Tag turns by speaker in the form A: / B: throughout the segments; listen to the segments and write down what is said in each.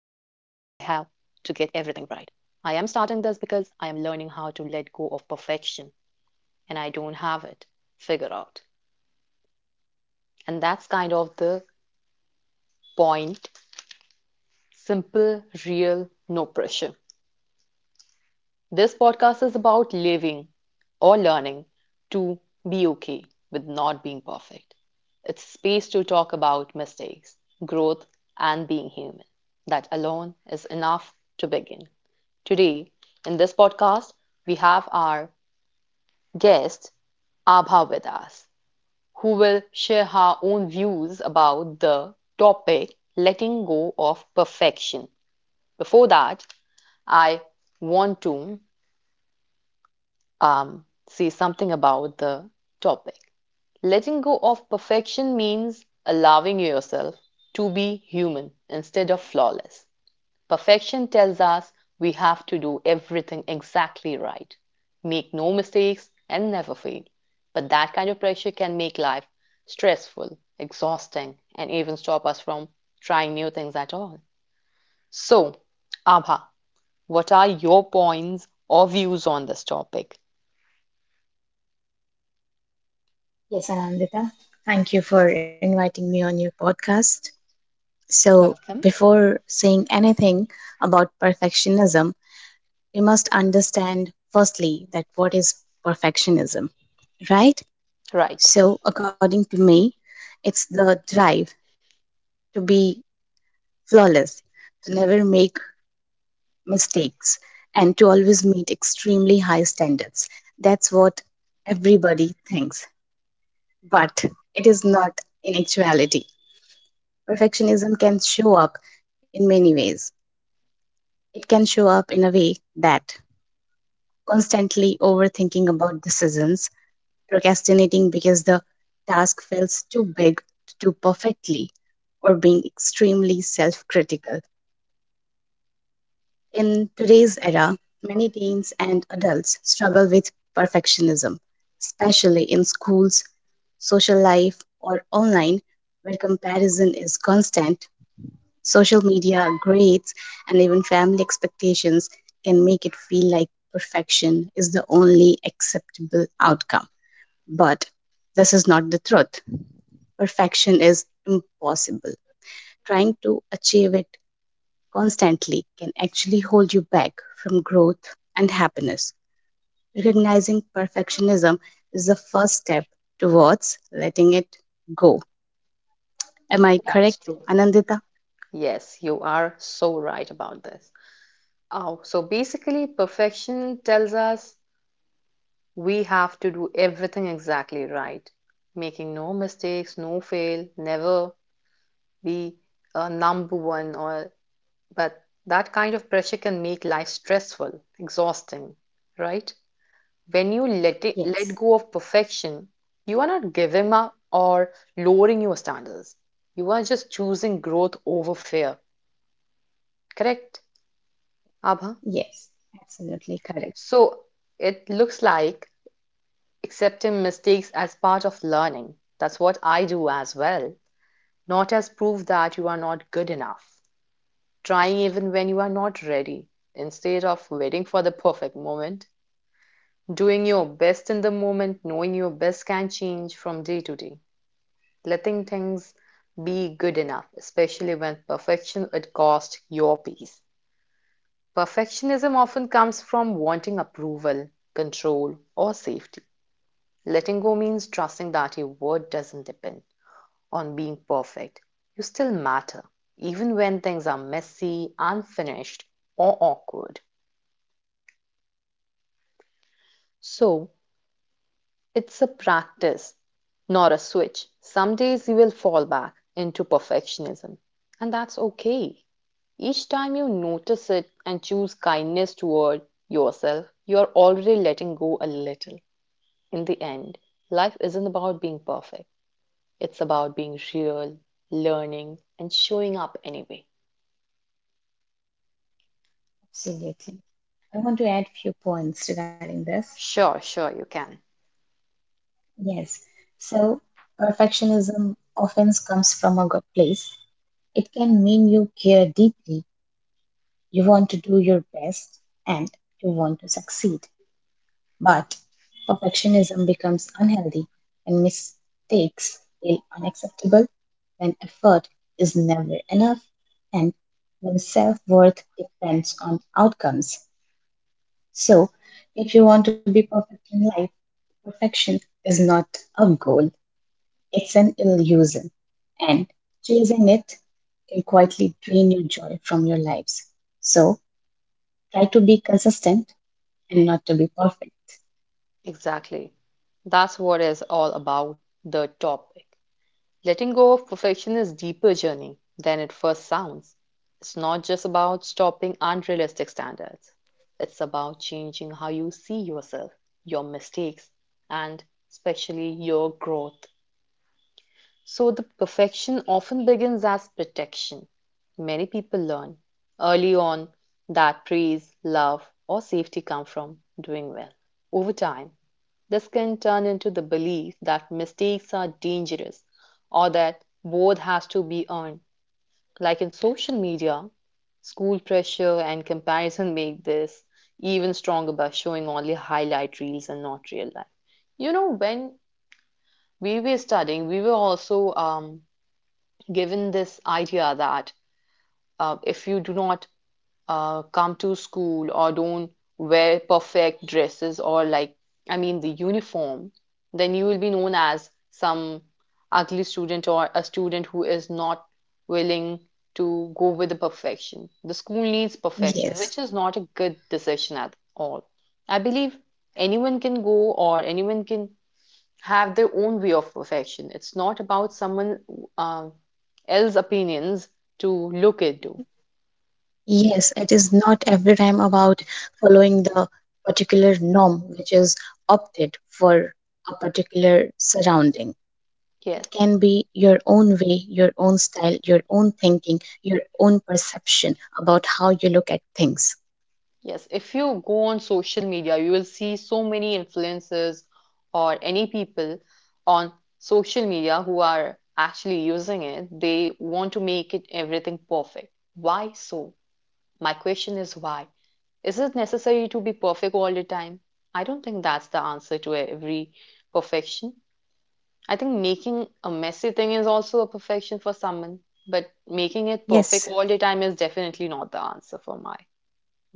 A: to get everything right. I am starting this because I am learning how to let go of perfection and I don't have it figured out. And that's kind of the point simple, real, no pressure. This podcast is about living or learning to be okay with not being perfect. It's space to talk about mistakes, growth, and being human. That alone is enough to begin. Today, in this podcast, we have our guest, Abha, with us, who will share her own views about the topic letting go of perfection. Before that, I want to say something about the topic. Letting go of perfection means allowing yourself to be human instead of flawless. Perfection tells us we have to do everything exactly right, make no mistakes, and never fail. But that kind of pressure can make life stressful, exhausting, and even stop us from trying new things at all. So, Abha, what are your points or views on this topic?
B: Yes, Anandita. Thank you for inviting me on your podcast. So,
A: Welcome.
B: before saying anything about perfectionism, we must understand firstly that what is perfectionism, right?
A: Right.
B: So, according to me, it's the drive to be flawless, to never make mistakes, and to always meet extremely high standards. That's what everybody thinks, but it is not in actuality perfectionism can show up in many ways. It can show up in a way that constantly overthinking about decisions, procrastinating because the task feels too big to do perfectly, or being extremely self critical. In today's era, many teens and adults struggle with perfectionism, especially in schools, social life, or online, where comparison is constant. Social media, grades, and even family expectations can make it feel like perfection is the only acceptable outcome. But this is not the truth. Perfection is impossible. Trying to achieve it constantly can actually hold you back from growth and happiness. Recognizing perfectionism is the first step towards letting it go. Am I
A: That's
B: correct,
A: true.
B: Anandita?
A: Yes, you are so right about this. Oh, so basically, perfection tells us we have to do everything exactly right, making no mistakes, no fail, never be a number one or but that kind of pressure can make life stressful, exhausting, right? When you
B: Yes,
A: let go of perfection, you are not giving up or lowering your standards. You are just choosing growth over fear. Correct, Abha?
B: yes, absolutely correct.
A: So it looks like accepting mistakes as part of learning. That's what I do as well, not as proof that you are not good enough. Trying even when you are not ready, instead of waiting for the perfect moment. Doing your best in the moment, knowing your best can change from day to day. Letting things be good enough, especially when perfection would cost your peace. Perfectionism often comes from wanting approval, control, or safety. Letting go means trusting that your worth doesn't depend on being perfect. You still matter, even when things are messy, unfinished, or awkward. So, it's a practice, not a switch. Some days you will fall back into perfectionism, and that's okay. Each time you notice it and choose kindness toward yourself, you are already letting go a little. In the end, life isn't about being perfect. It's about being real, learning, and showing up anyway.
B: Absolutely. I want to add few points regarding this.
A: Sure, sure, you can.
B: Yes. So, Perfectionism often comes from a good place. It can mean you care deeply, you want to do your best, and you want to succeed. But perfectionism becomes unhealthy when mistakes feel unacceptable, when effort is never enough, and when self worth depends on outcomes. So, if you want to be perfect in life, perfection is not a goal, it's an illusion, and chasing it can quietly drain your joy from your lives. So try to be consistent and not to be perfect.
A: Exactly. That's what is all about the topic. Letting go of perfection is a deeper journey than it first sounds. It's not just about stopping unrealistic standards. It's about changing how you see yourself, your mistakes, and especially your growth. So the perfection often begins as protection. Many people learn early on that praise, love, or safety come from doing well. Over time, this can turn into the belief that mistakes are dangerous or that both has to be earned. Like in social media, school pressure and comparison make this even stronger by showing only highlight reels and not real life. You know, when we were studying, we were also given this idea that if you do not come to school or don't wear perfect dresses or like I mean the uniform, then you will be known as some ugly student or a student who is not willing to go with the perfection. The school needs perfection,
B: Yes,
A: which is not a good decision at all. I believe anyone can go or anyone can have their own way of perfection. It's not about someone uh, else opinions to look into.
B: yes, it is not every time about following the particular norm which is opted for a particular surrounding. It
A: Yes,
B: can be your own way, your own style, your own thinking, your own perception about how you look at things.
A: yes. If you go on social media, you will see so many influencers or any people on social media who are actually using it. They want to make it everything perfect. Why so? My question is why? Is it necessary to be perfect all the time? I don't think that's the answer to every perfection. I think making a messy thing is also a perfection for someone, but making it perfect all
B: Yes.
A: the time is definitely not the answer for my.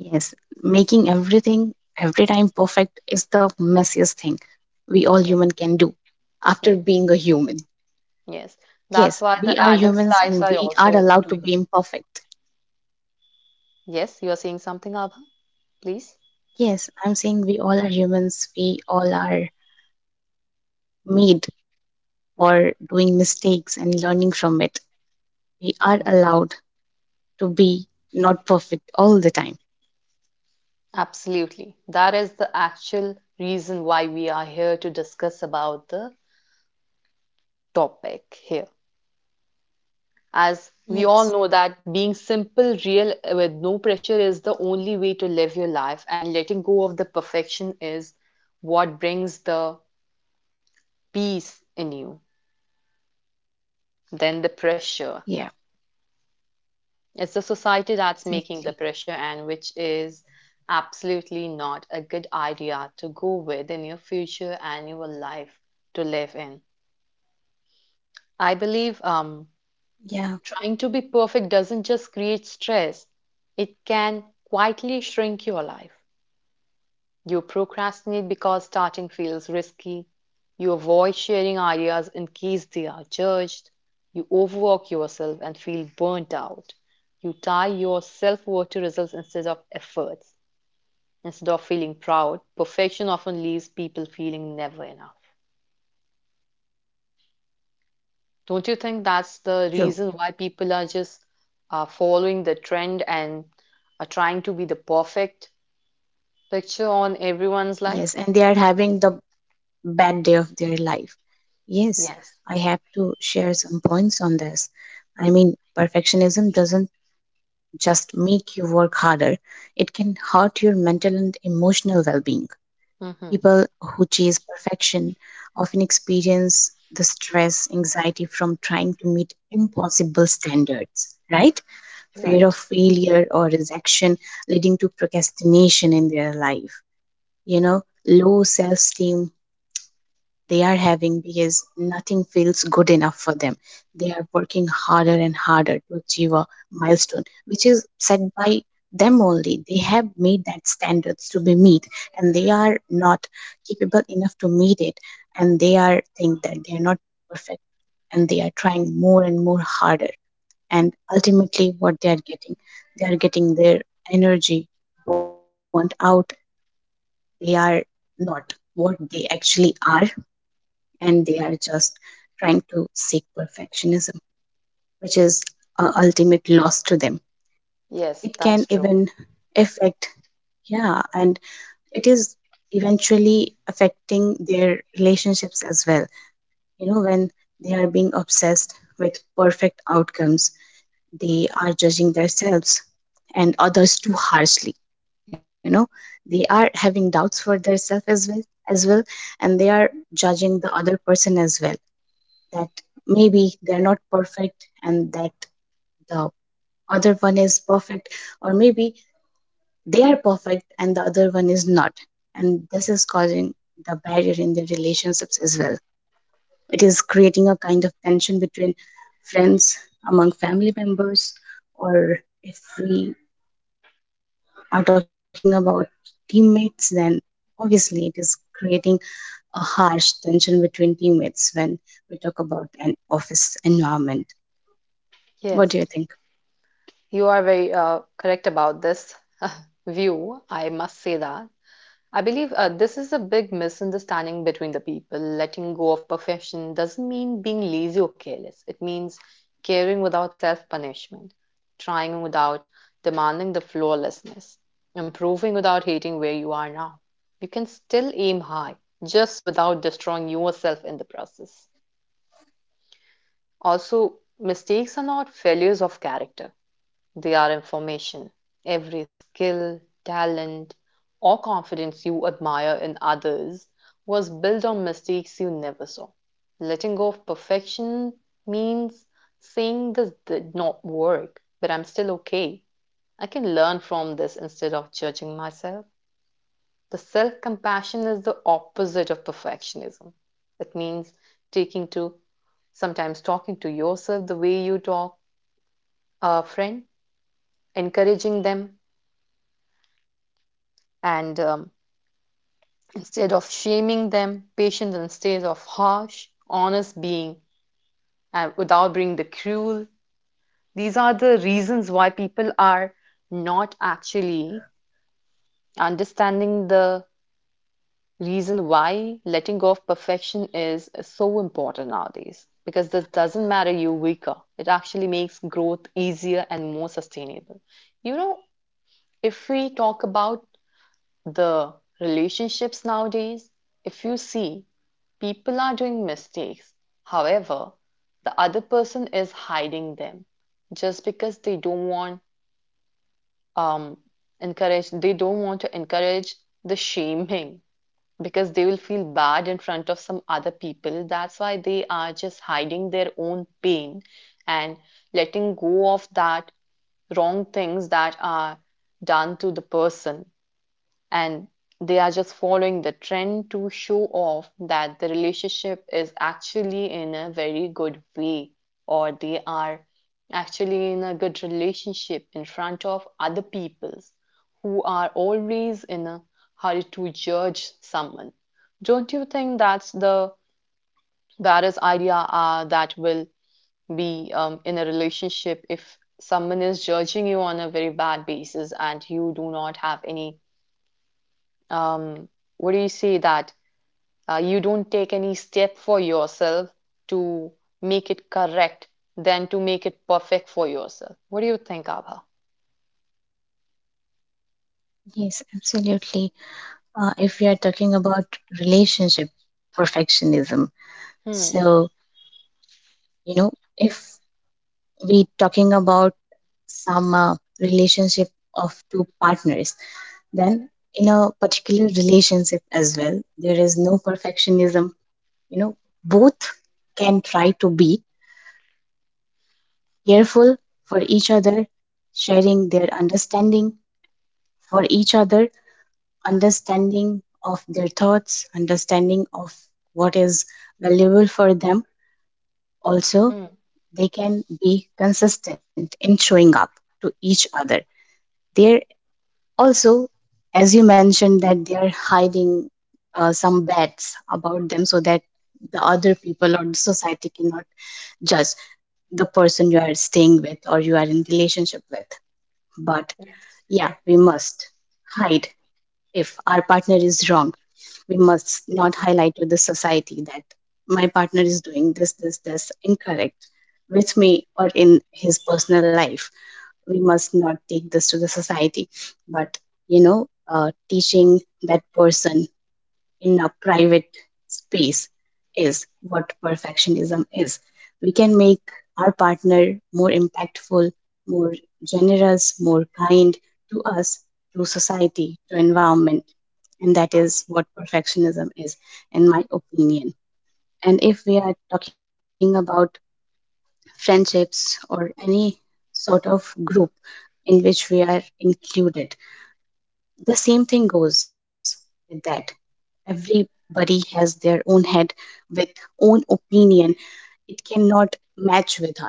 B: Yes, making everything every time perfect is the messiest thing we all
A: Yes.
B: human can do after
A: Yes,
B: being a human.
A: yes.
B: Yes,
A: That's
B: we
A: why the
B: are humans
A: adults'
B: and
A: lives
B: we
A: are
B: are
A: also
B: allowed to
A: doing
B: be
A: it.
B: imperfect.
A: Yes, you are saying something, Abha, please.
B: Yes, I'm saying we all are humans. We all are made for doing mistakes and learning from it. We are
A: Okay.
B: allowed to be not perfect all the time.
A: Absolutely. That is the actual reason why we are here to discuss about the topic here. As we all
B: Yes.
A: know that being simple, real, with no pressure is the only way to live your life, and letting go of the perfection is what brings the peace in you, then the
B: Yeah,
A: pressure. It's the society that's
B: exactly.
A: making the pressure, and which is absolutely not a good idea to go with in your future and your life to live in. I believe
B: Yeah,
A: trying to be perfect doesn't just create stress, it can quietly shrink your life. You procrastinate because starting feels risky. You avoid sharing ideas in case they are judged. You overwork yourself and feel burnt out. You tie your self worth to results instead of efforts. Instead of feeling proud, perfection often leaves people feeling never enough. Don't you think that's the
B: true.
A: reason why people are just following the trend and are trying to be the perfect picture on everyone's life?
B: Yes, and they are having the bad day of their life. Yes,
A: Yes.
B: I have to share some points on this. I mean, perfectionism doesn't just make you work harder, it can hurt your mental and emotional well being.
A: Mm-hmm.
B: People who chase perfection often experience the stress, anxiety from trying to meet impossible standards, right? Fear of
A: Right.
B: failure or rejection leading to procrastination in their life. You know, low self esteem they are having because nothing feels good enough for them. They are working harder and harder to achieve a milestone, which is set by them only. They have made that standards to be meet, and they are not capable enough to meet it, and they are think that they are not perfect, and they are trying more and more harder. And ultimately, what they are getting their energy burnt out. They are not what they actually are and they are just trying to seek perfectionism, which is a ultimate loss to them.
A: Yes,
B: It can
A: that's true.
B: even affect, yeah, and it is eventually affecting their relationships as well. You know, when they are being obsessed with perfect outcomes, they are judging themselves and others too harshly. You know, they are having doubts for themselves as well, and they are judging the other person as well that maybe they're not perfect and that the other one is perfect or maybe they are perfect and the other one is not, and this is causing the barrier in the relationships as well. It is creating a kind of tension between friends, among family members, or if we are talking about teammates, then obviously it is creating a harsh tension between teammates when we talk about an office environment. What do you think?
A: Yes, you are very correct about this view. I must say that. I believe this is a big misunderstanding between the people. Letting go of perfection doesn't mean being lazy or careless. It means caring without self-punishment, trying without demanding the flawlessness, improving without hating where you are now. You can still aim high, just without destroying yourself in the process. Also, mistakes are not failures of character. They are information. Every skill, talent, or confidence you admire in others was built on mistakes you never saw. Letting go of perfection means saying this did not work, but I'm still okay. I can learn from this instead of judging myself. The self compassion is the opposite of perfectionism. It means taking to sometimes talking to yourself the way you talk a friend, encouraging them, and instead of shaming them, patience instead of harsh, honest being without being the cruel. These are the reasons why people are not actually understanding the reason why letting go of perfection is so important nowadays. Because this doesn't matter you weaker. It actually makes growth easier and more sustainable. You know, if we talk about the relationships nowadays, if you see people are doing mistakes. However, the other person is hiding them just because they don't want um encourage they don't want to encourage the shaming because they will feel bad in front of some other people. That's why they are just hiding their own pain and letting go of that wrong things that are done to the person and they are just following the trend to show off that the relationship is actually in a very good way or they are actually in a good relationship in front of other peoples who are always in a hurry to judge someone. Don't you think that's the barest idea that will be in a relationship if someone is judging you on a very bad basis and you do not have any um, what do you say that you don't take any step for yourself to make it correct than to make it perfect for yourself. What do you think, Abha?
B: Yes, absolutely. If we are talking about relationship perfectionism,
A: Hmm.
B: so you know, if we talking about some relationship of two partners, then in a particular relationship as well, there is no perfectionism. You know, both can try to be careful for each other, sharing their understanding for each other, understanding of their thoughts, understanding of what is valuable for them. Also,
A: Mm,
B: they can be consistent in showing up to each other. They're also, as you mentioned, that they are hiding some bets about them so that the other people or the society cannot judge the person you are staying with or you are in relationship with. But
A: yes.
B: yeah, we must hide. If our partner is wrong, we must not highlight to the society that my partner is doing this, this, this incorrect with me or in his personal life. We must not take this to the society, but teaching that person in a private space is what perfectionism is. We can make our partner more impactful, more generous, more kind to us, to society, to environment. And that is what perfectionism is, in my opinion. And if we are talking about friendships or any sort of group in which we are included, the same thing goes with that. Everybody has their own head with own opinion, it cannot match with us,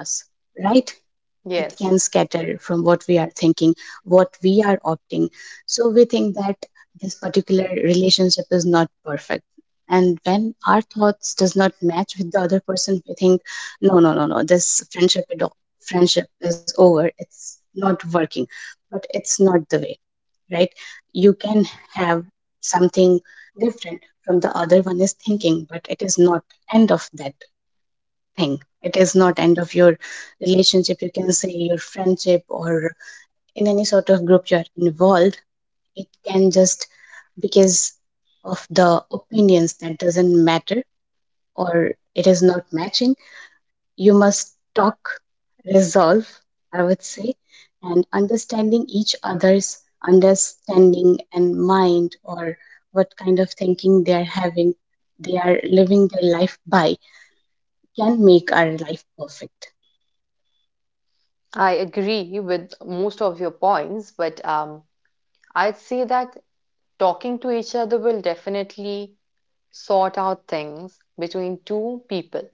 B: right? It can
A: Yes,
B: scatter from what we are thinking, what we are opting. So we think that this particular relationship is not perfect. And when our thoughts does not match with the other person, we think, no, no, no, no, this friendship it o- friendship is over. It's not working. But it's not the way, right? You can have something different the other one is thinking, but it is not end of that thing, it is not end of your relationship, you can say your friendship or in any sort of group you are involved. It can just, because of the opinions that doesn't matter or it is not matching, you must talk, resolve, I would say, and understanding each other's understanding and mind or what kind of thinking they are having, they are living their life by, can make our life perfect.
A: I agree with most of your points, but I'd say that talking to each other will definitely sort out things between two people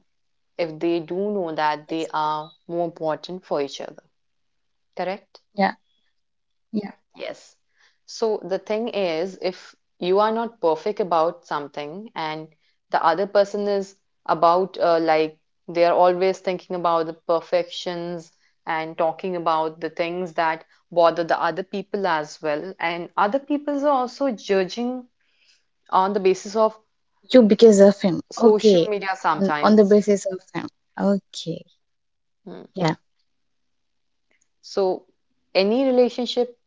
A: if they do know that
B: Yes.
A: they are more important for each other. Correct?
B: Yeah. Yeah,
A: Yes. So the thing is, if you are not perfect about something and the other person is about, like, they are always thinking about the perfections and talking about the things that bother the other people as well. And other people are also judging on the basis of
B: you because of him.
A: social
B: Okay,
A: media
B: on the
A: sometimes.
B: basis of him. Okay. Yeah.
A: So any relationship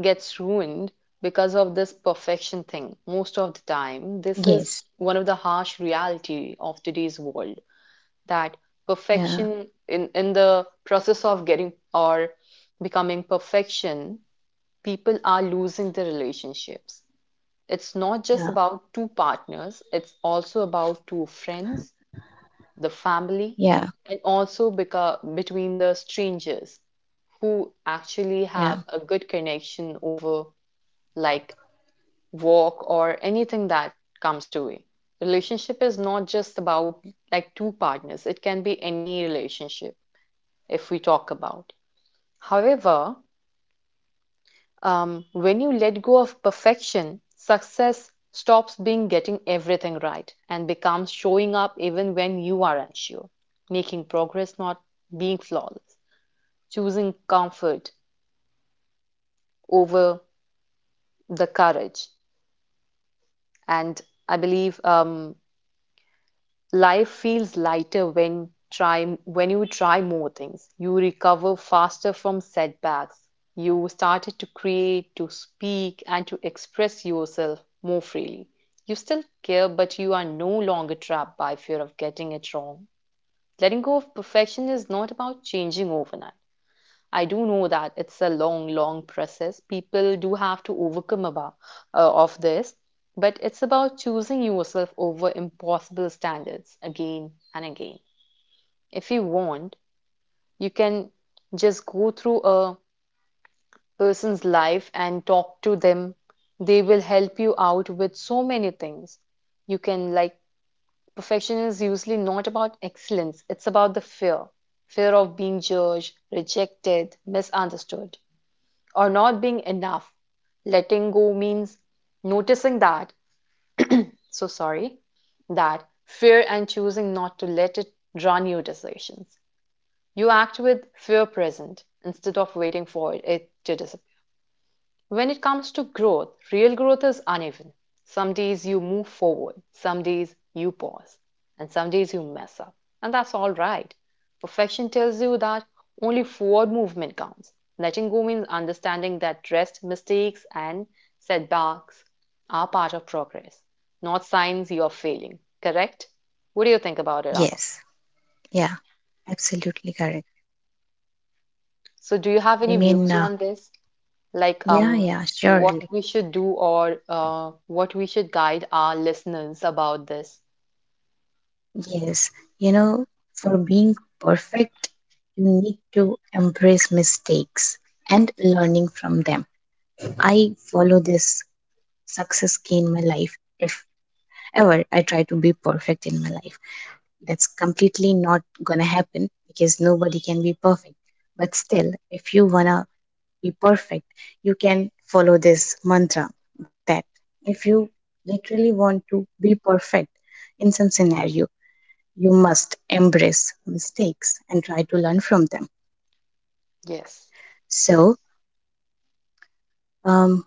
A: gets ruined because of this perfection thing. Most of the time, this is
B: Yes.
A: one of the harsh reality of today's world that
B: Yeah.
A: perfection in the process of getting or becoming perfection, people are losing their relationships. It's not just
B: Yeah.
A: about two partners, it's also about two friends, the family,
B: Yeah.
A: and also between the strangers who actually
B: Yeah.
A: have a good connection over like work or anything that comes to it. Relationship is not just about like two partners, it can be any relationship if we talk about. However, when you let go of perfection success stops being getting everything right and becomes showing up even when you are unsure, making progress not being flawless, choosing comfort over the courage. And I believe life feels lighter when try when you try more things. You recover faster from setbacks. You started to create, to speak, and to express yourself more freely. You still care, but you are no longer trapped by fear of getting it wrong. Letting go of perfection is not about changing overnight. I do know that it's a long, long process. People do have to overcome about uh, of this, but it's about choosing yourself over impossible standards again and again. If you want, you can just go through a person's life and talk to them. They will help you out with so many things. You can like perfection is usually not about excellence, it's about the fear, fear of being judged, rejected, misunderstood, or not being enough. Letting go means noticing so sorry, that fear and choosing not to let it run your decisions. You act with fear present instead of waiting for it to disappear. When it comes to growth, real growth is uneven. Some days you move forward, some days you pause, and some days you mess up. And that's all right. Perfection tells you that only forward movement counts. Letting go means understanding that rest, mistakes, and setbacks are part of progress, not signs you're failing. Correct? What do you think about it, Ava?
B: Yes. Yeah. Absolutely correct.
A: So, do you have
B: I
A: any
B: mean,
A: views
B: uh,
A: on this? like
B: yeah.
A: um
B: Yeah.
A: what
B: Surely.
A: we should do or what we should guide our listeners about this.
B: Yes. You know, for being perfect, you need to embrace mistakes and learning from them. I follow this success key in my life. If ever I try to be perfect in my life. That's completely not gonna happen because nobody can be perfect. But still, if you wanna be perfect, you can follow this mantra that if you literally want to be perfect in some scenario, you must embrace mistakes and try to learn from them.
A: Yes,
B: So, um,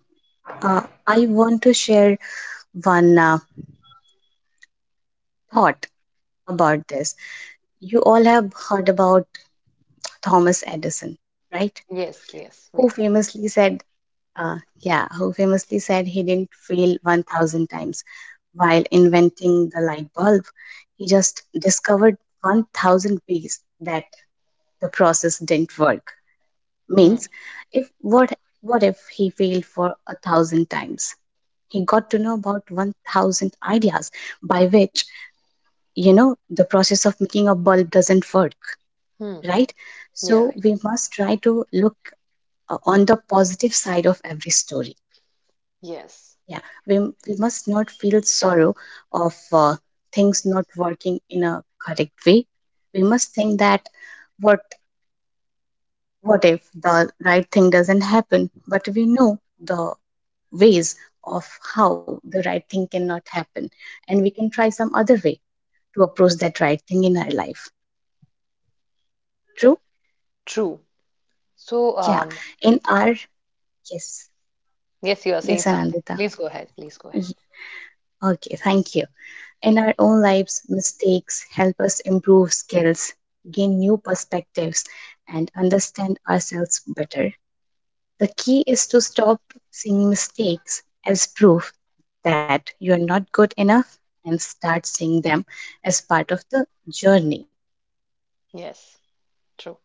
B: I want to share one thought about this. You all have heard about Thomas Edison, right?
A: yes, yes, we
B: Who
A: have.
B: famously said yeah, who famously said he didn't fail 1,000 times while inventing the light bulb. He just discovered 1,000 ways that the process didn't work.
A: Hmm,
B: Means if what what if he failed for a thousand times? He got to know about 1,000 ideas by which you know the process of making a bulb doesn't work,
A: hmm.
B: right?
A: You're
B: So
A: right.
B: we must try to look on the positive side of every story.
A: Yes,
B: Yeah, we must not feel sorrow of things not working in a correct way. We must think that what what if the right thing doesn't happen, but we know the ways of how the right thing cannot happen, and we can try some other way to approach that right thing in our life. True?
A: true. So,
B: Yeah.
A: um,
B: In our yes,
A: yes, you are saying
B: yes,
A: something.
B: Anandita.
A: Please go ahead. Please go ahead.
B: Y- Okay, thank you. In our own lives, mistakes help us improve skills, gain new perspectives, and understand ourselves better. The key is to stop seeing mistakes as proof that you're not good enough and start seeing them as part of the journey.
A: Yes, true.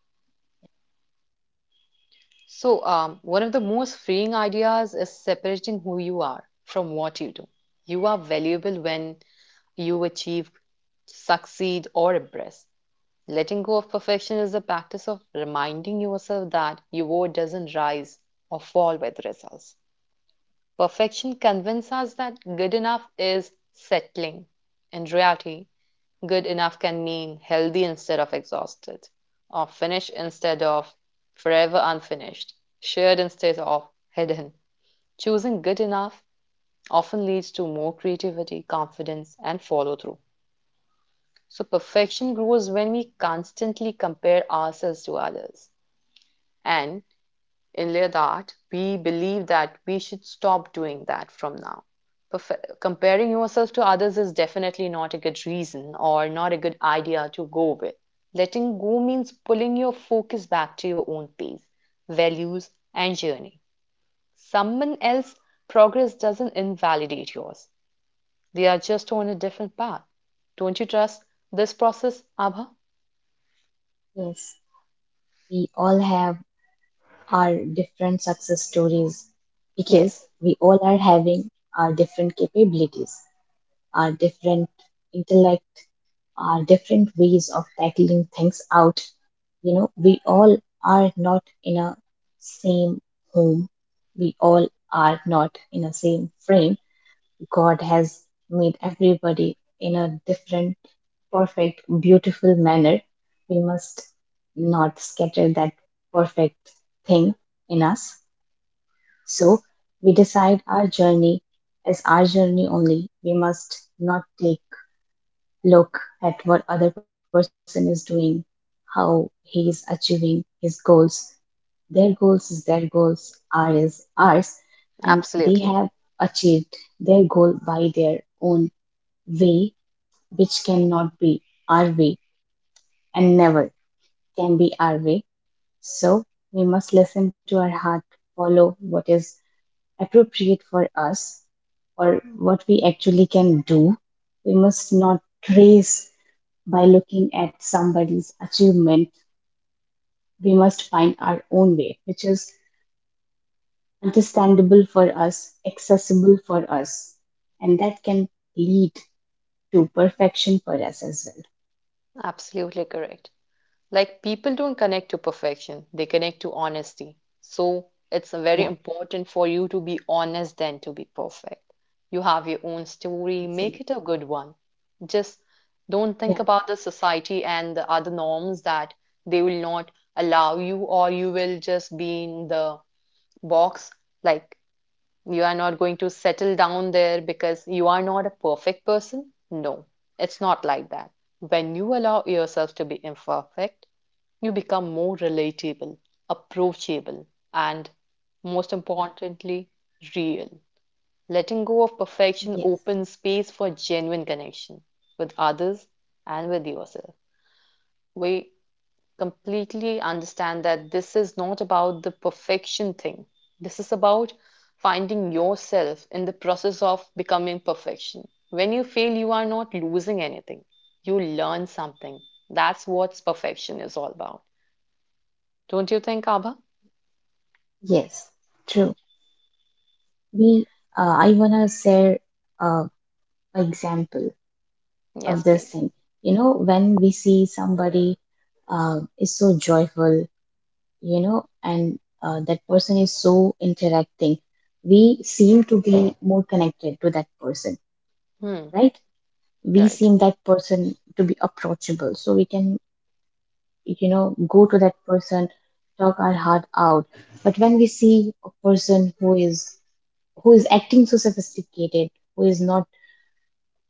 A: One of the most freeing ideas is separating who you are from what you do. You are valuable when you achieve, succeed, or impress. Letting go of perfection is a practice of reminding yourself that your worth doesn't rise or fall with results. Perfection convinces us that good enough is settling. In reality, good enough can mean healthy instead of exhausted, or finished instead of forever unfinished, shared instead of hidden. Choosing good enough often leads to more creativity, confidence, and follow through. So, perfection grows when we constantly compare ourselves to others. And in Lyodart, we believe that we should stop doing that from now. Comparing yourself to others is definitely not a good reason or not a good idea to go with. Letting go means pulling your focus back to your own pace, values, and journey. Someone else's progress doesn't invalidate yours, they are just on a different path. Don't you trust this process, Abha?
B: Yes, we all have our different success stories because
A: Yes,
B: we all are having our different capabilities, our different intellect are different ways of tackling things out. You know we all are not in a same home, we all are not in a same frame. God has made everybody in a different, perfect, beautiful manner. We must not scatter that perfect thing in us. So we decide our journey as our journey only. We must not take look at what other person is doing, how he is achieving his goals. Their goals is their goals, ours is ours, and they
A: absolutely.
B: have achieved their goal by their own way, which cannot be our way and never can be our way. So we must listen to our heart, follow what is appropriate for us or what we actually can do. We must not trace by looking at somebody's achievement, we must find our own way, which is understandable for us, accessible for us, and that can lead to perfection for us as well.
A: Absolutely correct. Like, people don't connect to perfection, they connect to honesty. So it's very important for you to be honest than to be perfect. You have your own story,
B: Yeah,
A: make it
B: absolutely.
A: a good one. Just don't
B: Yeah,
A: think about the society and the other norms that they will not allow you, or you will just be in the box. Like, you are not going to settle down there because you are not a perfect person. No, it's not like that. When you allow yourself to be imperfect, you become more relatable, approachable, and most
B: yeah,
A: importantly, real. Letting go of
B: yes,
A: perfection opens space for genuine connection with others and with yourself. We completely understand that this is not about the perfection thing. This is about finding yourself in the process of becoming perfection. When you fail, you are not losing anything. You learn something. That's what perfection is all about. Don't you think, Abha?
B: yes, true. We, I wanna share uh, an example of
A: Yes,
B: this thing.
A: please.
B: You know, when we see somebody is so joyful, you know, and that person is so interacting. We seem to be more connected to that person,
A: Hmm,
B: right? We
A: right.
B: seem that person to be approachable. So we can, you know, go to that person, talk our heart out. But when we see a person who is acting so sophisticated, who is not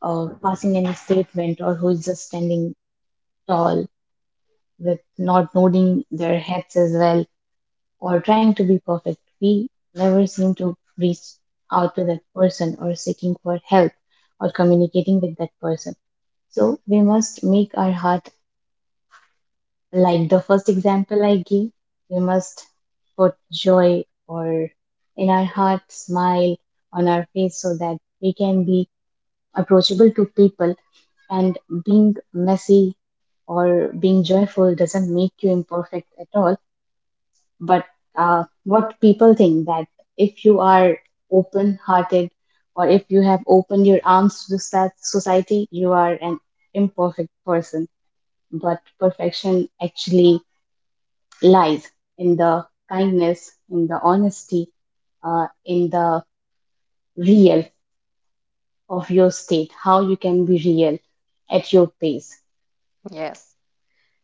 B: passing any statement, or who is just standing tall with not nodding their heads as well, or trying to be perfect. We never seem to reach out to that person or seeking for help or communicating with that person. So we must make our heart like the first example I gave. We must put joy or in our heart, smile on our face, so that we can be approachable to people. And being messy or being joyful doesn't make you imperfect at all, but what people think that if you are open hearted, or if you have opened your arms to so- society, you are an imperfect person. But perfection actually lies in the kindness, in the honesty, in the real of your state, how you can be real at your pace.
A: Yes.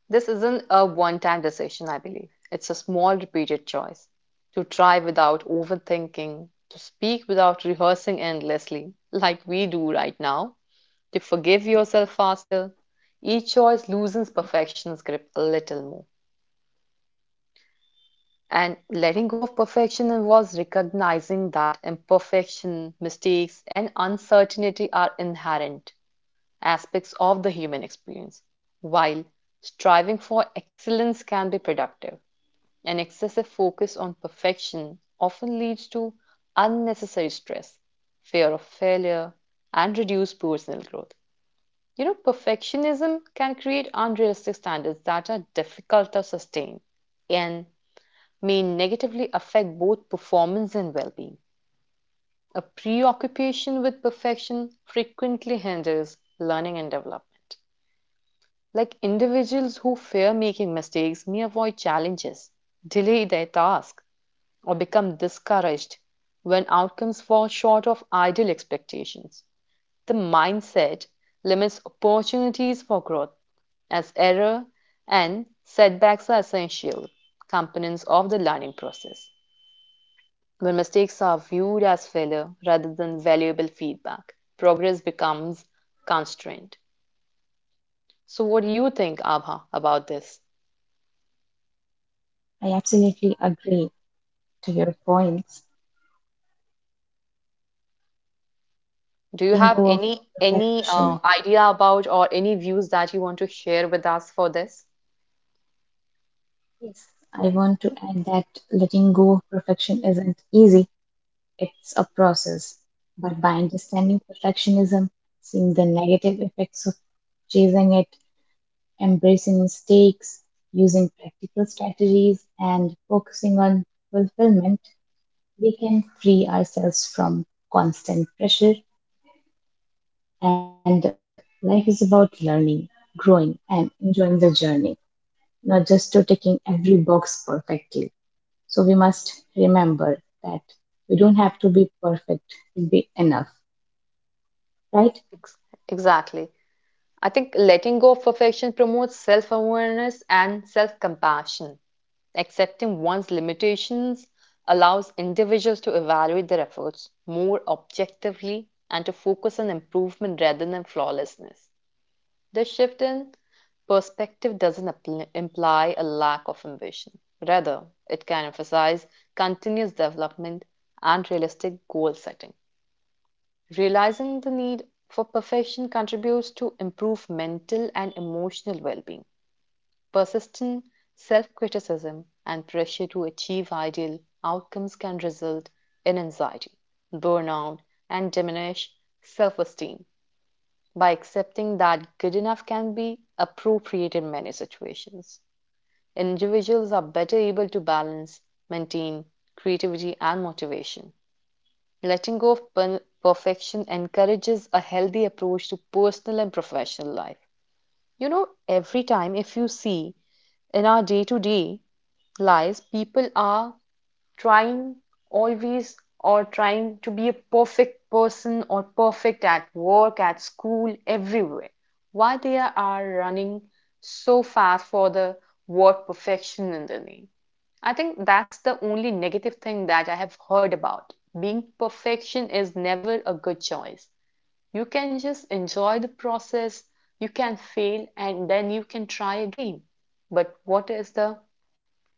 A: This isn't a one time decision, I believe. It's a small, repeated choice to try without overthinking, to speak without rehearsing endlessly, like we do right now, to forgive
B: Yeah,
A: yourself faster. Each choice loosens perfection's grip a little more. And letting go of perfection involves recognizing that imperfection, mistakes, and uncertainty are inherent aspects of the human experience, while striving for excellence can be productive. An excessive focus on perfection often leads to unnecessary stress, fear of failure, and reduced personal growth. You know, perfectionism can create unrealistic standards that are difficult to sustain and may negatively affect both performance and well being. A preoccupation with perfection frequently hinders learning and development. Like, individuals who fear making mistakes may avoid challenges, delay their tasks, or become discouraged when outcomes fall short of ideal expectations. The mindset limits opportunities for growth, as error and setbacks are essential components of the learning process. When mistakes are viewed as failure rather than valuable feedback, progress becomes constrained. So, what do you think, Abha, about this?
B: I absolutely agree to your points.
A: Do
B: Letting
A: you
B: go of
A: have any
B: perfection.
A: idea about or any views that you want to share with us for this?
B: Yes, I want to add that letting go of perfection isn't easy, it's a process. But by understanding perfectionism, seeing the negative effects of chasing it, embracing mistakes, using practical strategies, and focusing on fulfillment, we can free ourselves from constant pressure. And life is about learning, growing, and enjoying the journey, not just to ticking every box perfectly. So we must remember that we don't have to be perfect to be enough, right?
A: Ex- Exactly. I think letting go of perfection promotes self-awareness and self-compassion. Accepting one's limitations allows individuals to evaluate their efforts more objectively and to focus on improvement rather than flawlessness. This shift in perspective doesn't appl- imply a lack of ambition. Rather, it can emphasize continuous development and realistic goal setting. Realizing the need for perfection contributes to improve mental and emotional well being. Persistent self criticism and pressure to achieve ideal outcomes can result in anxiety, burnout, and diminished self esteem by accepting that good enough can be appropriate in many situations. Individuals are better able to balance, maintain creativity and motivation. Letting go of perfection encourages a healthy approach to personal and professional life. You know, every time if you see in our day to day lives, people are trying always or trying to be a perfect person or perfect at work, at school, everywhere. Why they are running so fast for the word perfection in the name? I think that's the only negative thing that I have heard about. Being perfection is never a good choice. You can just enjoy the process, you can fail, and then you can try again. But what is the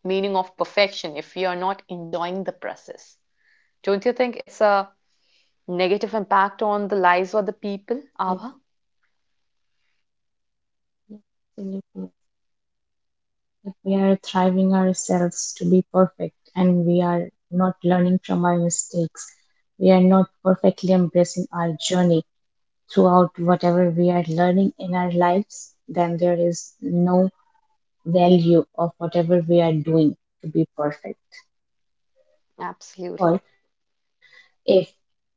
A: meaning of perfection if you are not enjoying the process? Don't you think it's a negative impact on the lives of the people,
B: Yes,
A: Abha?
B: yes, absolutely. If we are thriving ourselves to be perfect and we are not learning from our mistakes, we are not perfectly embracing our journey throughout whatever we are learning in our lives, then there is no value of whatever we are doing to be perfect.
A: Absolutely.
B: Or if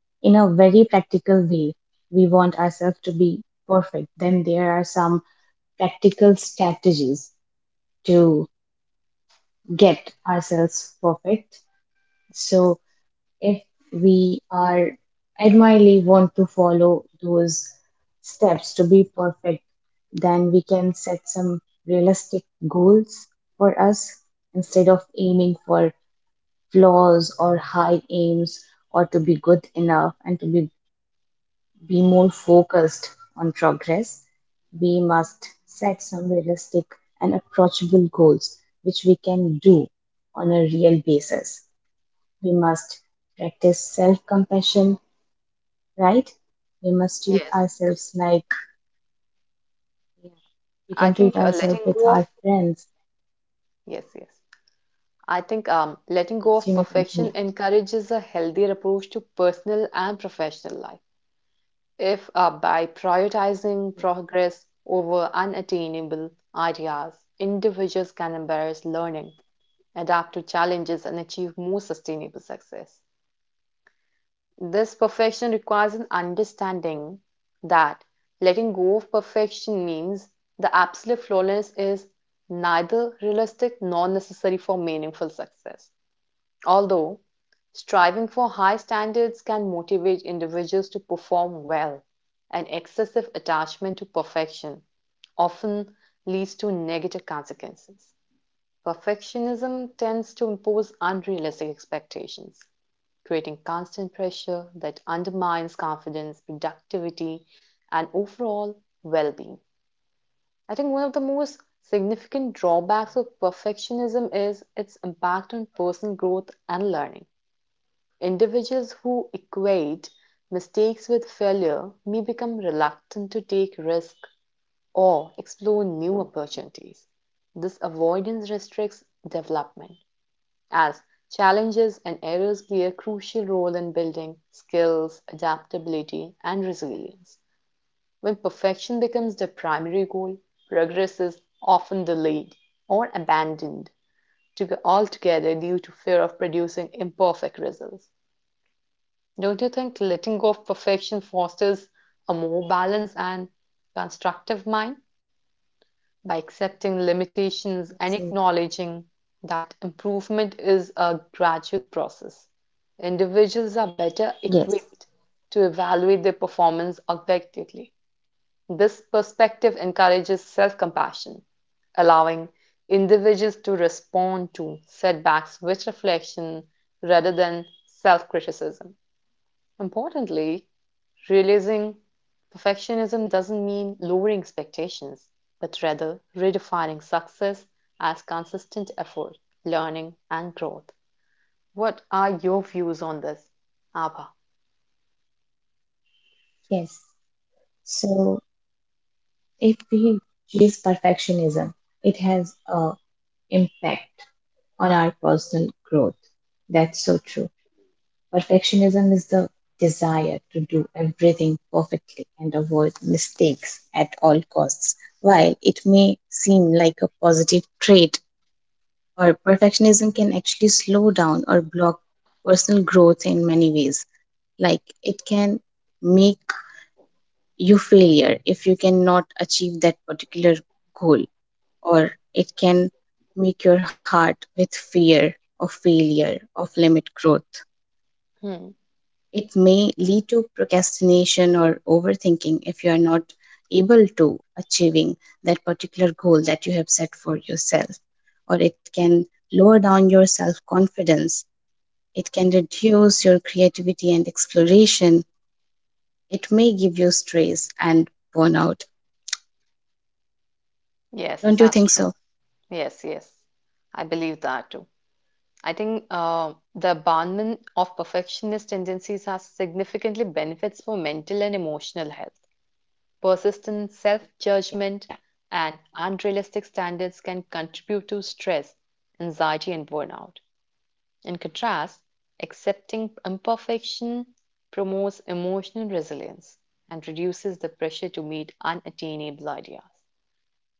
B: in a very practical way. We want ourselves to be perfect. Then there are some practical strategies to get ourselves perfect. So if we are admirably want to follow those steps to be perfect, then we can set some realistic goals for us instead of aiming for flaws or high aims, or to be good enough and to be more focused on progress. We must set some realistic and approachable goals which we can do on a real basis. We must practice self compassion, right? We must treat
A: Yes.
B: ourselves like, yeah, we
A: I
B: can
A: think
B: treat
A: letting
B: ourselves with
A: go of.
B: our friends.
A: Yes, yes. I think letting go
B: Yes,
A: of
B: you may
A: perfection
B: continue.
A: encourages a healthier approach to personal and professional life. If by prioritizing
B: Yes,
A: progress over unattainable ideas, individuals can embrace learning, adapt to challenges, and achieve more sustainable success. This perfection requires an understanding that letting go of perfection means the absolute flawlessness is neither realistic nor necessary for meaningful success. Although, striving for high standards can motivate individuals to perform well, an excessive attachment to perfection often leads to negative consequences. Perfectionism tends to impose unrealistic expectations, creating constant pressure that undermines confidence, productivity, and overall well being. I think one of the most significant drawbacks of perfectionism is its impact on personal growth and learning. Individuals who equate mistakes with failure may become reluctant to take risks or explore new opportunities. This avoidance restricts development, as challenges and errors play a crucial role in building skills, adaptability, and resilience. When perfection becomes the primary goal, progress is often delayed or abandoned altogether due to fear of producing imperfect results. Don't you think letting go of perfection fosters a more balanced and constructive mind by accepting
B: absolutely.
A: limitations and acknowledging that improvement is a gradual process? Individuals are
B: Yes.
A: better equipped to evaluate their performance objectively. This perspective encourages self compassion, allowing individuals to respond to setbacks with reflection rather than self criticism. Importantly, realizing perfectionism doesn't mean lowering expectations, but rather redefining success as consistent effort, learning, and growth. What are your views on this, Abha?
B: Yes. So if we chase perfectionism, it has a impact on our personal growth. That's so true. Perfectionism is the desire to do everything perfectly and avoid mistakes at all costs. While it may seem like a positive trait, or perfectionism can actually slow down or block personal growth in many ways. Like it can make you failure if you cannot achieve that particular goal, or it can make your heart with fear of failure, of limit growth.
A: Hmm.
B: It may lead to procrastination or overthinking if you are not able to achieving that particular goal that you have set for yourself, or it can lower down your self confidence, it can reduce your creativity and exploration, it may give you stress and burnout.
A: Yes,
B: Don't you
A: that's
B: think
A: true.
B: so?
A: Yes, yes. I believe that too. I think the abandonment of perfectionist tendencies has significantly benefits for mental and emotional health. Persistent
B: Yeah.
A: self-judgment and unrealistic standards can contribute to stress, anxiety, and burnout. In contrast, accepting imperfection promotes emotional resilience and reduces the pressure to meet unattainable ideas.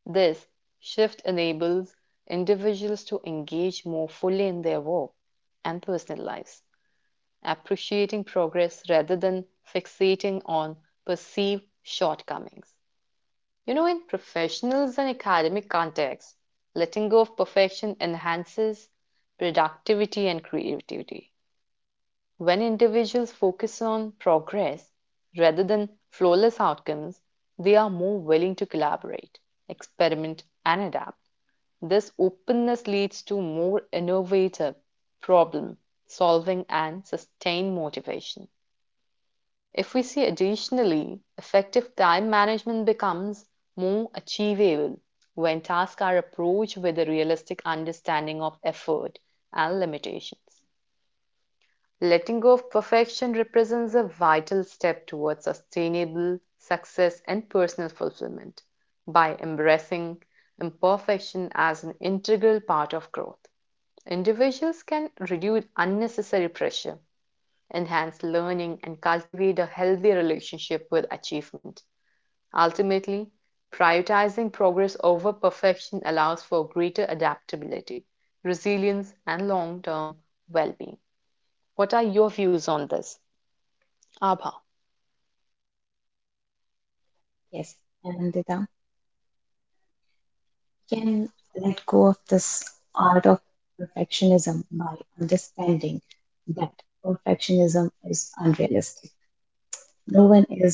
A: This shift enables individuals to engage more fully in their work and personal lives, appreciating progress rather than fixating on perceived shortcomings. You know, in professionals and academic contexts, letting go of perfection enhances productivity and creativity. When individuals focus on progress rather than flawless outcomes, they are more willing to collaborate, experiment, and adapt. This openness leads to more innovative problem solving and sustained motivation. If we see additionally, effective time management becomes more achievable when tasks are approached with a realistic understanding of effort and limitations. Letting go of perfection represents a vital step towards sustainable success and personal fulfillment by embracing imperfection as an integral part of growth. Individuals can reduce unnecessary pressure enhance learning, and cultivate a healthy relationship with achievement. Ultimately, prioritizing progress over perfection allows for greater adaptability, resilience, and long term well being. What are your views on this? Abha.
B: Yes, Anandita can let go of this art of perfectionism by understanding that perfectionism is unrealistic. No one is perfect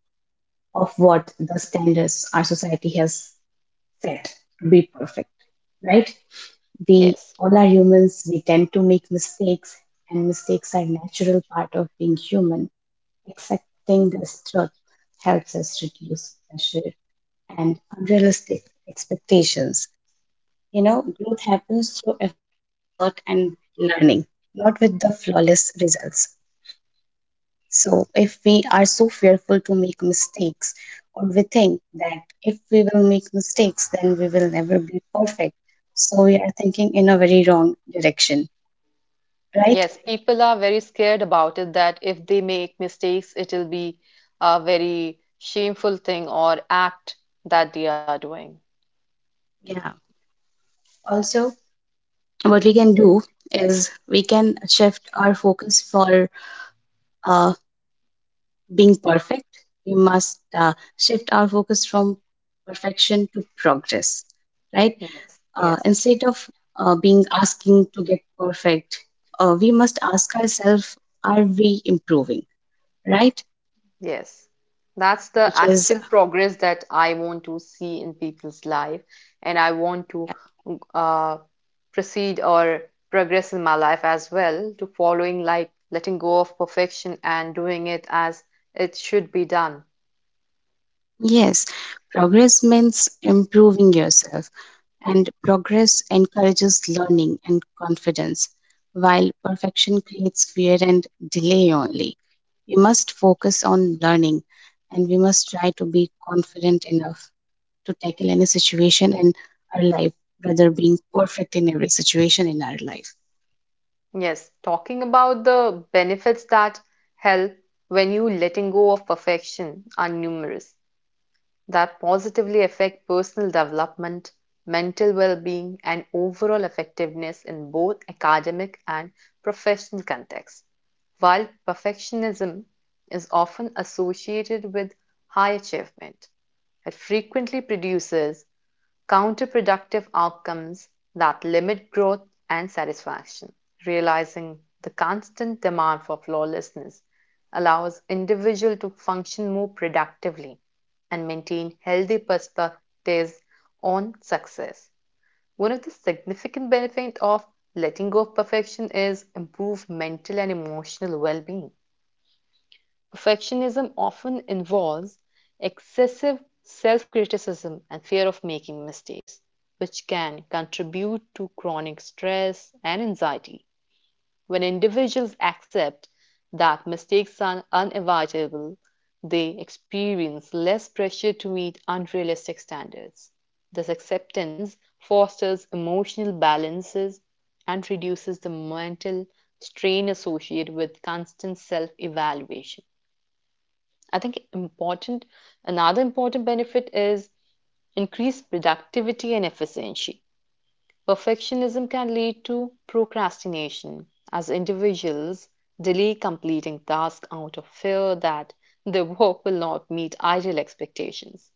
B: of what the standards our society has set to be perfect, right? We all are
A: Yes.
B: humans, we tend to make mistakes, and mistakes are natural part of being human. Accepting this truth helps us reduce pressure and unrealistic expectations. You know, growth happens through effort and learning, not with the flawless results. So, if we are so fearful to make mistakes, or we think that if we will make mistakes, then we will never be perfect. So, we are thinking in a very wrong direction, right?
A: Yes, people are very scared about it that if they make mistakes, it'll be a very shameful thing or act that they are doing.
B: Yeah. Also, what we can do is we can shift our focus for uh, being perfect. We must shift our focus from perfection to progress, right?
A: Yes. Yes.
B: Instead of being asking to get perfect, we must ask ourselves, are we improving, right?
A: Yes, that's the
B: Because,
A: actual progress that I want to see in people's life, and I want to uh, proceed or progress in my life as well to following like letting go of perfection and doing it as it should be done.
B: yes, progress means improving yourself, and progress encourages learning and confidence, while perfection creates fear and delay only. We must focus on learning and we must try to be confident enough to tackle any situation in our life rather being perfect in every situation in our life.
A: Yes, talking about the benefits that help when you letting go of perfection are numerous. That positively affect personal development, mental well-being, and overall effectiveness in both academic and professional contexts. While perfectionism is often associated with high achievement, it frequently produces counterproductive outcomes that limit growth and satisfaction. Realizing the constant demand for flawlessness allows individual to function more productively and maintain healthy perspectives on success. One of the significant benefits of letting go of perfection is improved mental and emotional well-being. Perfectionism often involves excessive self-criticism and fear of making mistakes, which can contribute to chronic stress and anxiety. When individuals accept that mistakes are unavoidable, they experience less pressure to meet unrealistic standards. This acceptance fosters emotional balances and reduces the mental strain associated with constant self evaluation. I think important Another important benefit is increased productivity and efficiency. Perfectionism can lead to procrastination as individuals delay completing tasks out of fear that their work will not meet ideal expectations.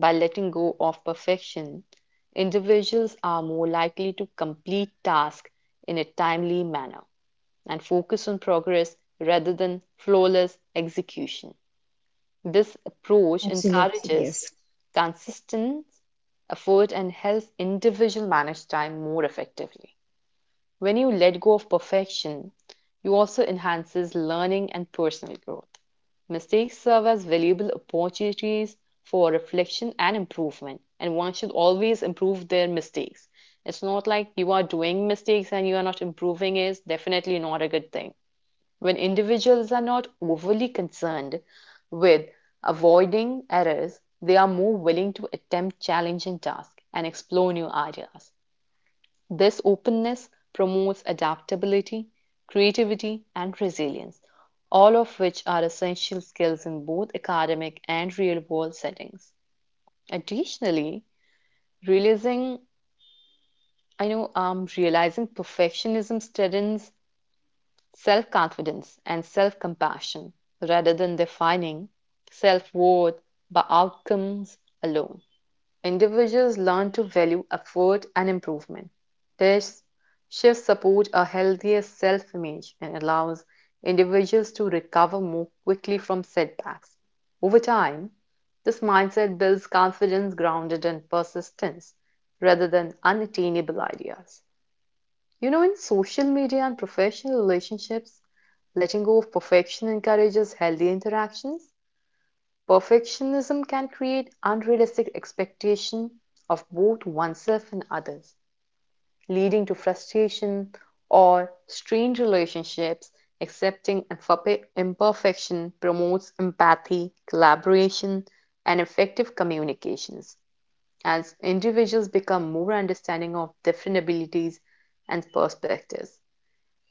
A: By letting go of perfection, individuals are more likely to complete tasks in a timely manner and focus on progress rather than flawless execution. This approach
B: Absolutely, yes.
A: encourages consistent effort and helps individual manage time more effectively. When you let go of perfection, you also enhances learning and personal growth. Mistakes serve as valuable opportunities for reflection and improvement, and one should always improve their mistakes. It's not like you are doing mistakes and you are not improving is definitely not a good thing. When individuals are not overly concerned with avoiding errors, they are more willing to attempt challenging tasks and explore new ideas. This openness promotes adaptability, creativity, and resilience, all of which are essential skills in both academic and real world settings. Additionally, realizing I know realizing perfectionism steadens self confidence and self compassion rather than defining self worth by outcomes alone. Individuals learn to value effort and improvement. This shift supports a healthier self image and allows individuals to recover more quickly from setbacks. Over time, this mindset builds confidence grounded in persistence rather than unattainable ideas. You know, in social media and professional relationships, letting go of perfection encourages healthy interactions. Perfectionism can create unrealistic expectation of both oneself and others, leading to frustration or strained relationships. Accepting imperfection promotes empathy, collaboration, and effective communications. As individuals become more understanding of different abilities and perspectives,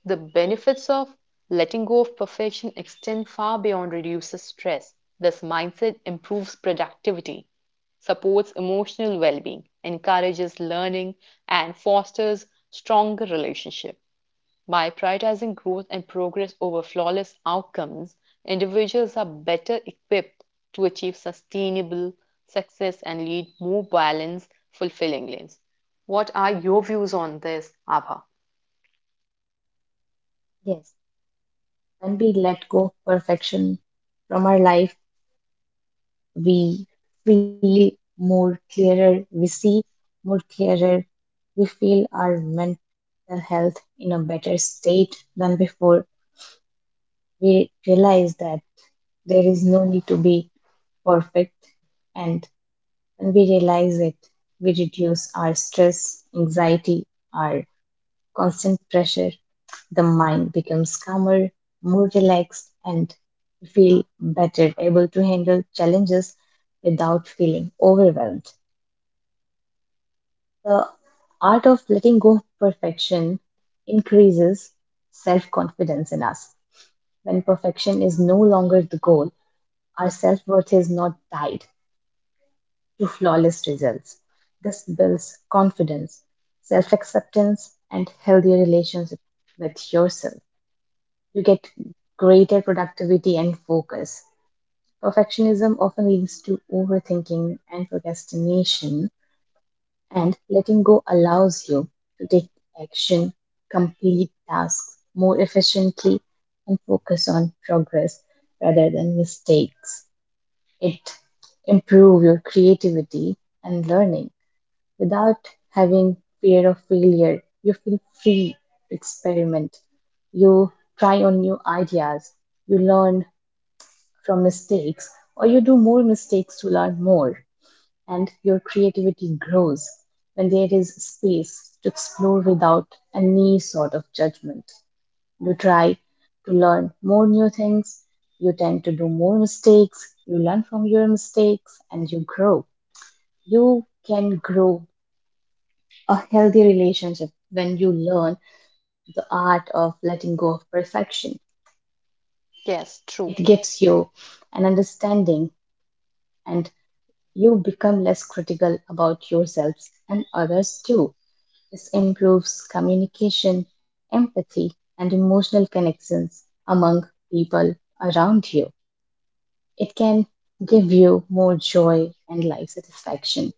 A: the benefits of letting go of perfection extend far beyond reduces stress. This mindset improves productivity, supports emotional well-being, encourages learning, and fosters stronger relationships. By prioritizing growth and progress over flawless outcomes, individuals are better equipped to achieve sustainable success and lead more balanced, fulfilling lives. What are your views on this, Abha?
B: Yes. When we let go of perfection from our life, we feel more clearer, we see more clearer, we feel our mental health in a better state than before. We realize that there is no need to be perfect, and when we realize it, we reduce our stress, anxiety, our constant pressure, the mind becomes calmer, more relaxed, and you feel better, able to handle challenges without feeling overwhelmed. The art of letting go of perfection increases self confidence in us. When perfection is no longer the goal, our self worth is not tied to flawless results. This builds confidence, self acceptance, and healthy relationship with yourself. You get greater productivity and focus. Perfectionism often leads to overthinking and procrastination, and letting go allows you to take action, complete tasks more efficiently, and focus on progress rather than mistakes. It improves your creativity and learning without having fear of failure. You feel free to experiment. You try on new ideas. You learn from mistakes, or you do more mistakes to learn more. And your creativity grows when there is space to explore without any sort of judgment. You try to learn more new things. You tend to do more mistakes. You learn from your mistakes and you grow. You can grow a healthy relationship when you learn the art of letting go of perfection.
A: Yes,
B: It
A: true.
B: gives you an understanding and you become less critical about yourselves and others too. This improves communication, empathy, and emotional connections among people around you. It can give you more joy and life satisfaction.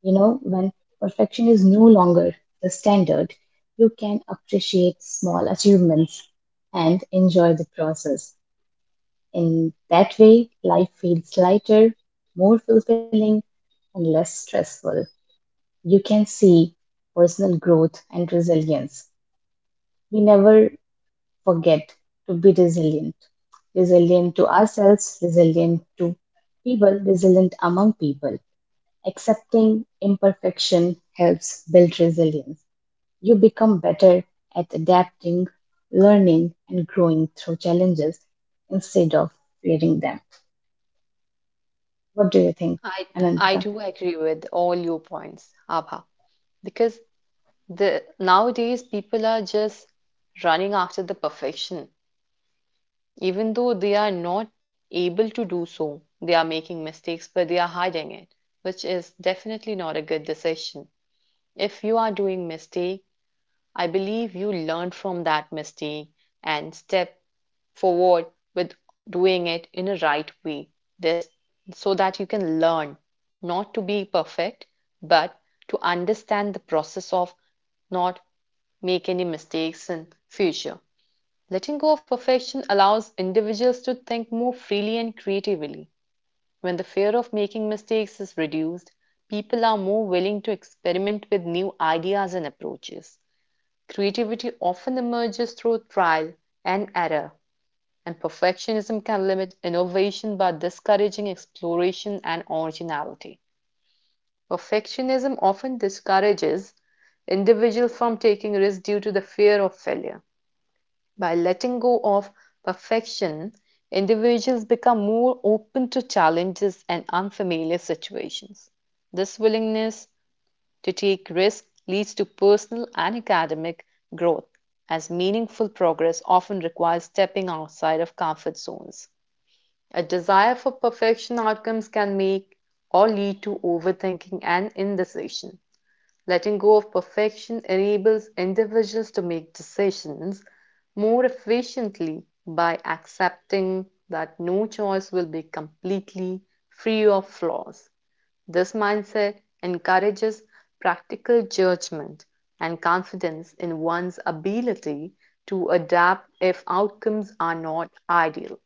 B: You know, when perfection is no longer the standard, you can appreciate small achievements and enjoy the process. In that way, life feels lighter, more fulfilling, and less stressful. You can see personal growth and resilience. We never forget to be resilient to ourselves, resilient to people, resilient among people. Accepting imperfection helps build resilience. You become better at adapting, learning, and growing through challenges instead of fearing them. What do you think,
A: I I
B: Anandita?
A: do agree with all your points, Abha, because the nowadays people are just running after the perfection, even though they are not able to do so. They are making mistakes, but they are hiding it, which is definitely not a good decision. If you are doing mistake, I believe you learn from that mistake and step forward with doing it in a right way this so that you can learn not to be perfect but to understand the process of not make any mistakes in future. Letting go of perfection allows individuals to think more freely and creatively. When the fear of making mistakes is reduced, people are more willing to experiment with new ideas and approaches. Creativity often emerges through trial and error, and perfectionism can limit innovation by discouraging exploration and originality. Perfectionism often discourages individuals from taking risks due to the fear of failure. By letting go of perfection, individuals become more open to challenges and unfamiliar situations. This willingness to take risks leads to personal and academic growth, as meaningful progress often requires stepping outside of comfort zones. A desire for perfection outcomes can make or lead to overthinking and indecision. Letting go of perfection enables individuals to make decisions more efficiently by accepting that no choice will be completely free of flaws. This mindset encourages practical judgment and confidence in one's ability to adapt if outcomes are not ideal.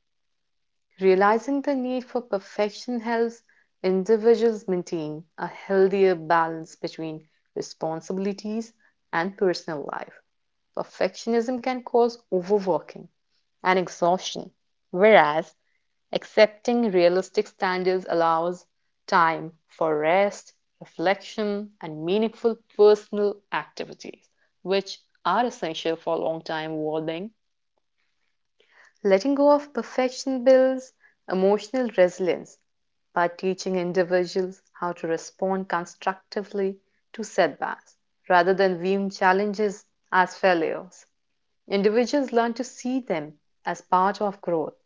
A: Realizing the need for perfection helps individuals maintain a healthier balance between responsibilities and personal life. Perfectionism can cause overworking and exhaustion, whereas accepting realistic standards allows time for rest, reflection, and meaningful personal activities, which are essential for long term well being. Letting go of perfection builds emotional resilience by teaching individuals how to respond constructively to setbacks rather than viewing challenges as failures. Individuals learn to see them as part of growth.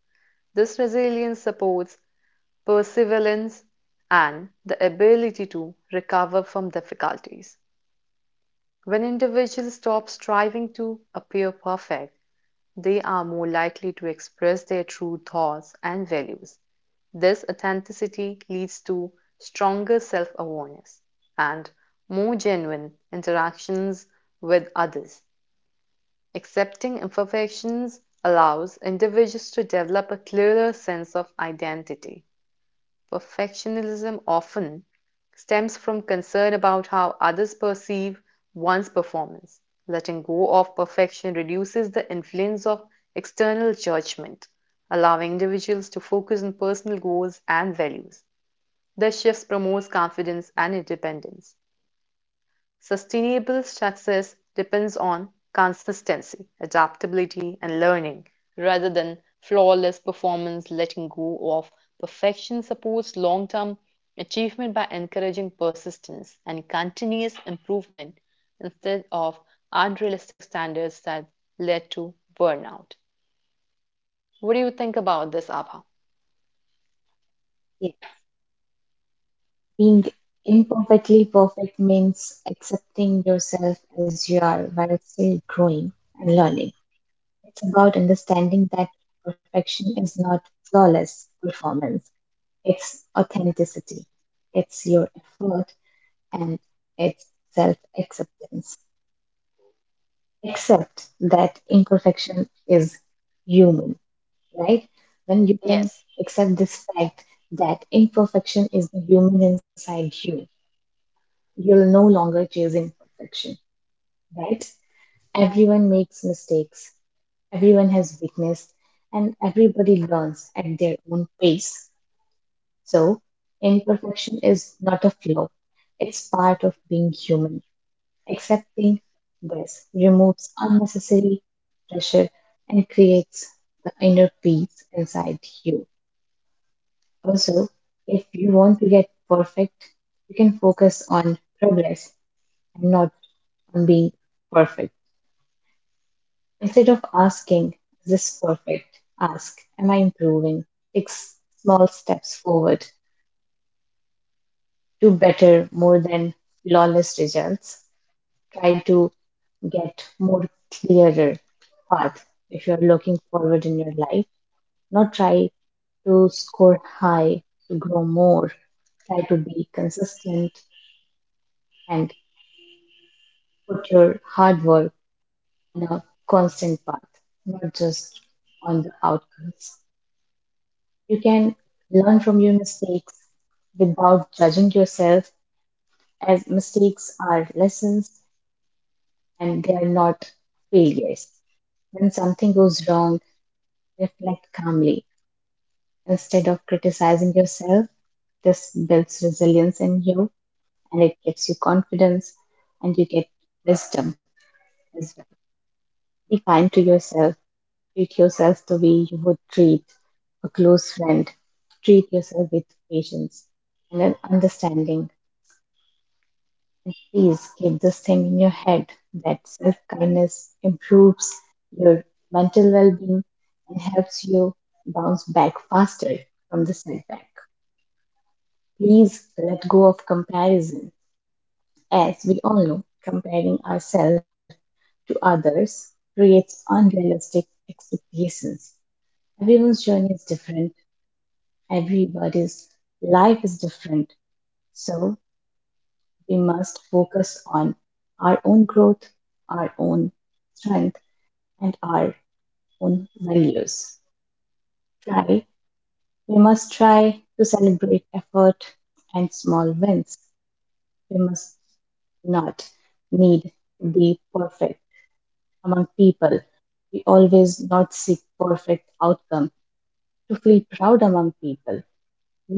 A: This resilience supports perseverance and the ability to recover from difficulties. When individuals stop striving to appear perfect, they are more likely to express their true thoughts and values. This authenticity leads to stronger self awareness and more genuine interactions with others. Accepting imperfections allows individuals to develop a clearer sense of identity. Perfectionism often stems from concern about how others perceive one's performance. Letting go of perfection reduces the influence of external judgment, allowing individuals to focus on personal goals and values. This shift promotes confidence and independence. Sustainable success depends on consistency, adaptability, and learning, rather than flawless performance. Letting go of perfection supports long term achievement by encouraging persistence and continuous improvement instead of unrealistic standards that led to burnout. What do you think about this, Abha?
B: Yes, being imperfectly perfect means accepting yourself as you are while still growing and learning. It's about understanding that perfection is not flawless performance, it's authenticity, it's your effort, and it's self acceptance. Accept that imperfection is human, right? When you can
A: Yes,
B: accept this fact that imperfection is the human inside you, you're no longer chasing perfection, right? Everyone makes mistakes, everyone has weakness, and everybody learns at their own pace. So, imperfection is not a flaw, it's part of being human. Accepting this removes unnecessary pressure and creates the inner peace inside you. Also, if you want to get perfect, you can focus on progress and not on being perfect. Instead of asking, is this perfect? Ask, am I improving? Take s- small steps forward. Do better more than flawless results. Try to get more clearer path if you're looking forward in your life. Not try to score high, to grow more. Try to be consistent and put your hard work in a constant path, not just on the outcomes. You can learn from your mistakes without judging yourself, as mistakes are lessons and they are not failures. When something goes wrong, reflect calmly. Instead of criticizing yourself, this builds resilience in you and it gives you confidence and you get wisdom as well. Be kind to yourself. Treat yourself the way you would treat a close friend. Treat yourself with patience and an understanding. And please keep this thing in your head that self kindness improves your mental well being and helps you bounce back faster from the setback. Please let go of comparison. As we all know, comparing ourselves to others creates unrealistic expectations. Everyone's journey is different, everybody's life is different. So we must focus on our own growth, our own strength, and our own values. Try, we must try to celebrate effort and small wins. We must not need to be perfect among people. We always not seek perfect outcome to feel proud among people.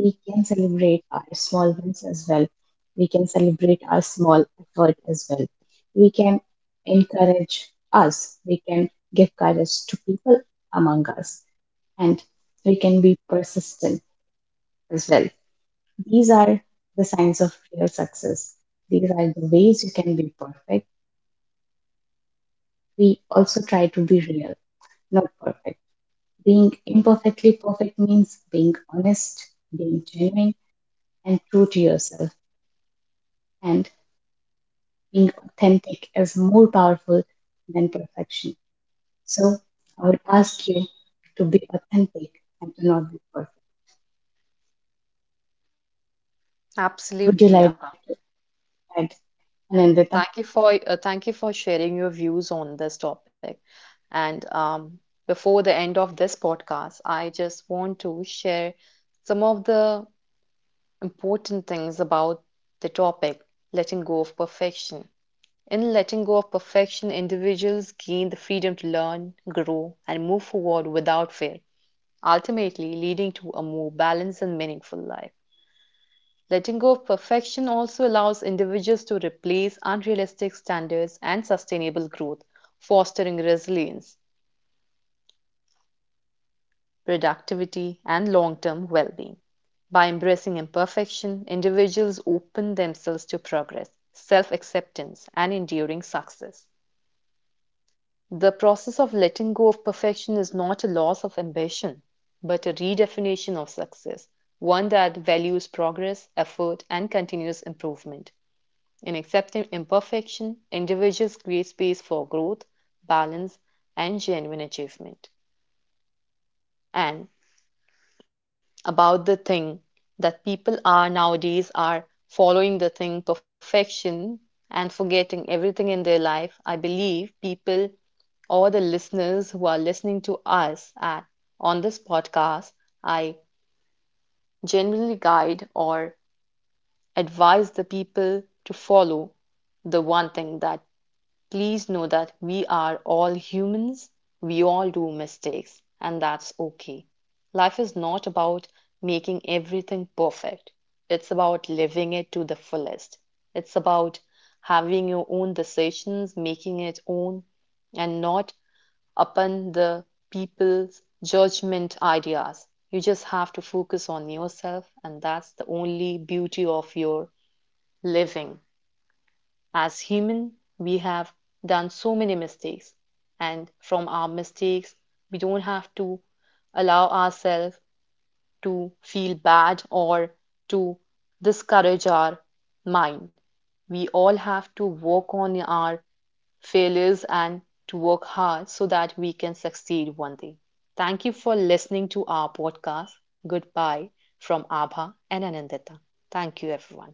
B: We can celebrate our small wins as well. We can celebrate our small effort as well. We can encourage us. We can give courage to people among us. And we can be persistent as well. These are the signs of real success. These are the ways you can be perfect. We also try to be real, not perfect. Being imperfectly perfect means being honest, being genuine, and true to yourself. And being authentic is more powerful than perfection. So I would ask you to be authentic and to not be perfect. Would you
A: absolutely,
B: like to
A: Abha.
B: add, Anandita?
A: Thank you for sharing your views on this topic. And before the end of this podcast, I just want to share some of the important things about the topic, letting go of perfection. In letting go of perfection, individuals gain the freedom to learn, grow, and move forward without fear, ultimately leading to a more balanced and meaningful life. Letting go of perfection also allows individuals to replace unrealistic standards and sustainable growth, fostering resilience, productivity, and long term well being. By embracing imperfection, individuals open themselves to progress, self acceptance, and enduring success. The process of letting go of perfection is not a loss of ambition, but a redefinition of success, one that values progress, effort, and continuous improvement. In accepting imperfection, individuals create space for growth, balance, and genuine achievement. And about the thing that people are nowadays are following the thing perfection and forgetting everything in their life, I believe people or the listeners who are listening to us at, on this podcast, I generally guide or advise the people to follow the one thing that please know that we are all humans. We all do mistakes, and that's okay. Life is not about making everything perfect, it's about living it to the fullest. It's about having your own decisions, making it own, and not upon the people's judgment ideas. You just have to focus on yourself, and that's the only beauty of your living. As human, we have done so many mistakes, and from our mistakes we don't have to allow ourselves to feel bad or to discourage our mind. We all have to work on our failures and to work hard so that we can succeed one day. Thank you for listening to our podcast. Goodbye from Abha and Anandita. Thank you, everyone.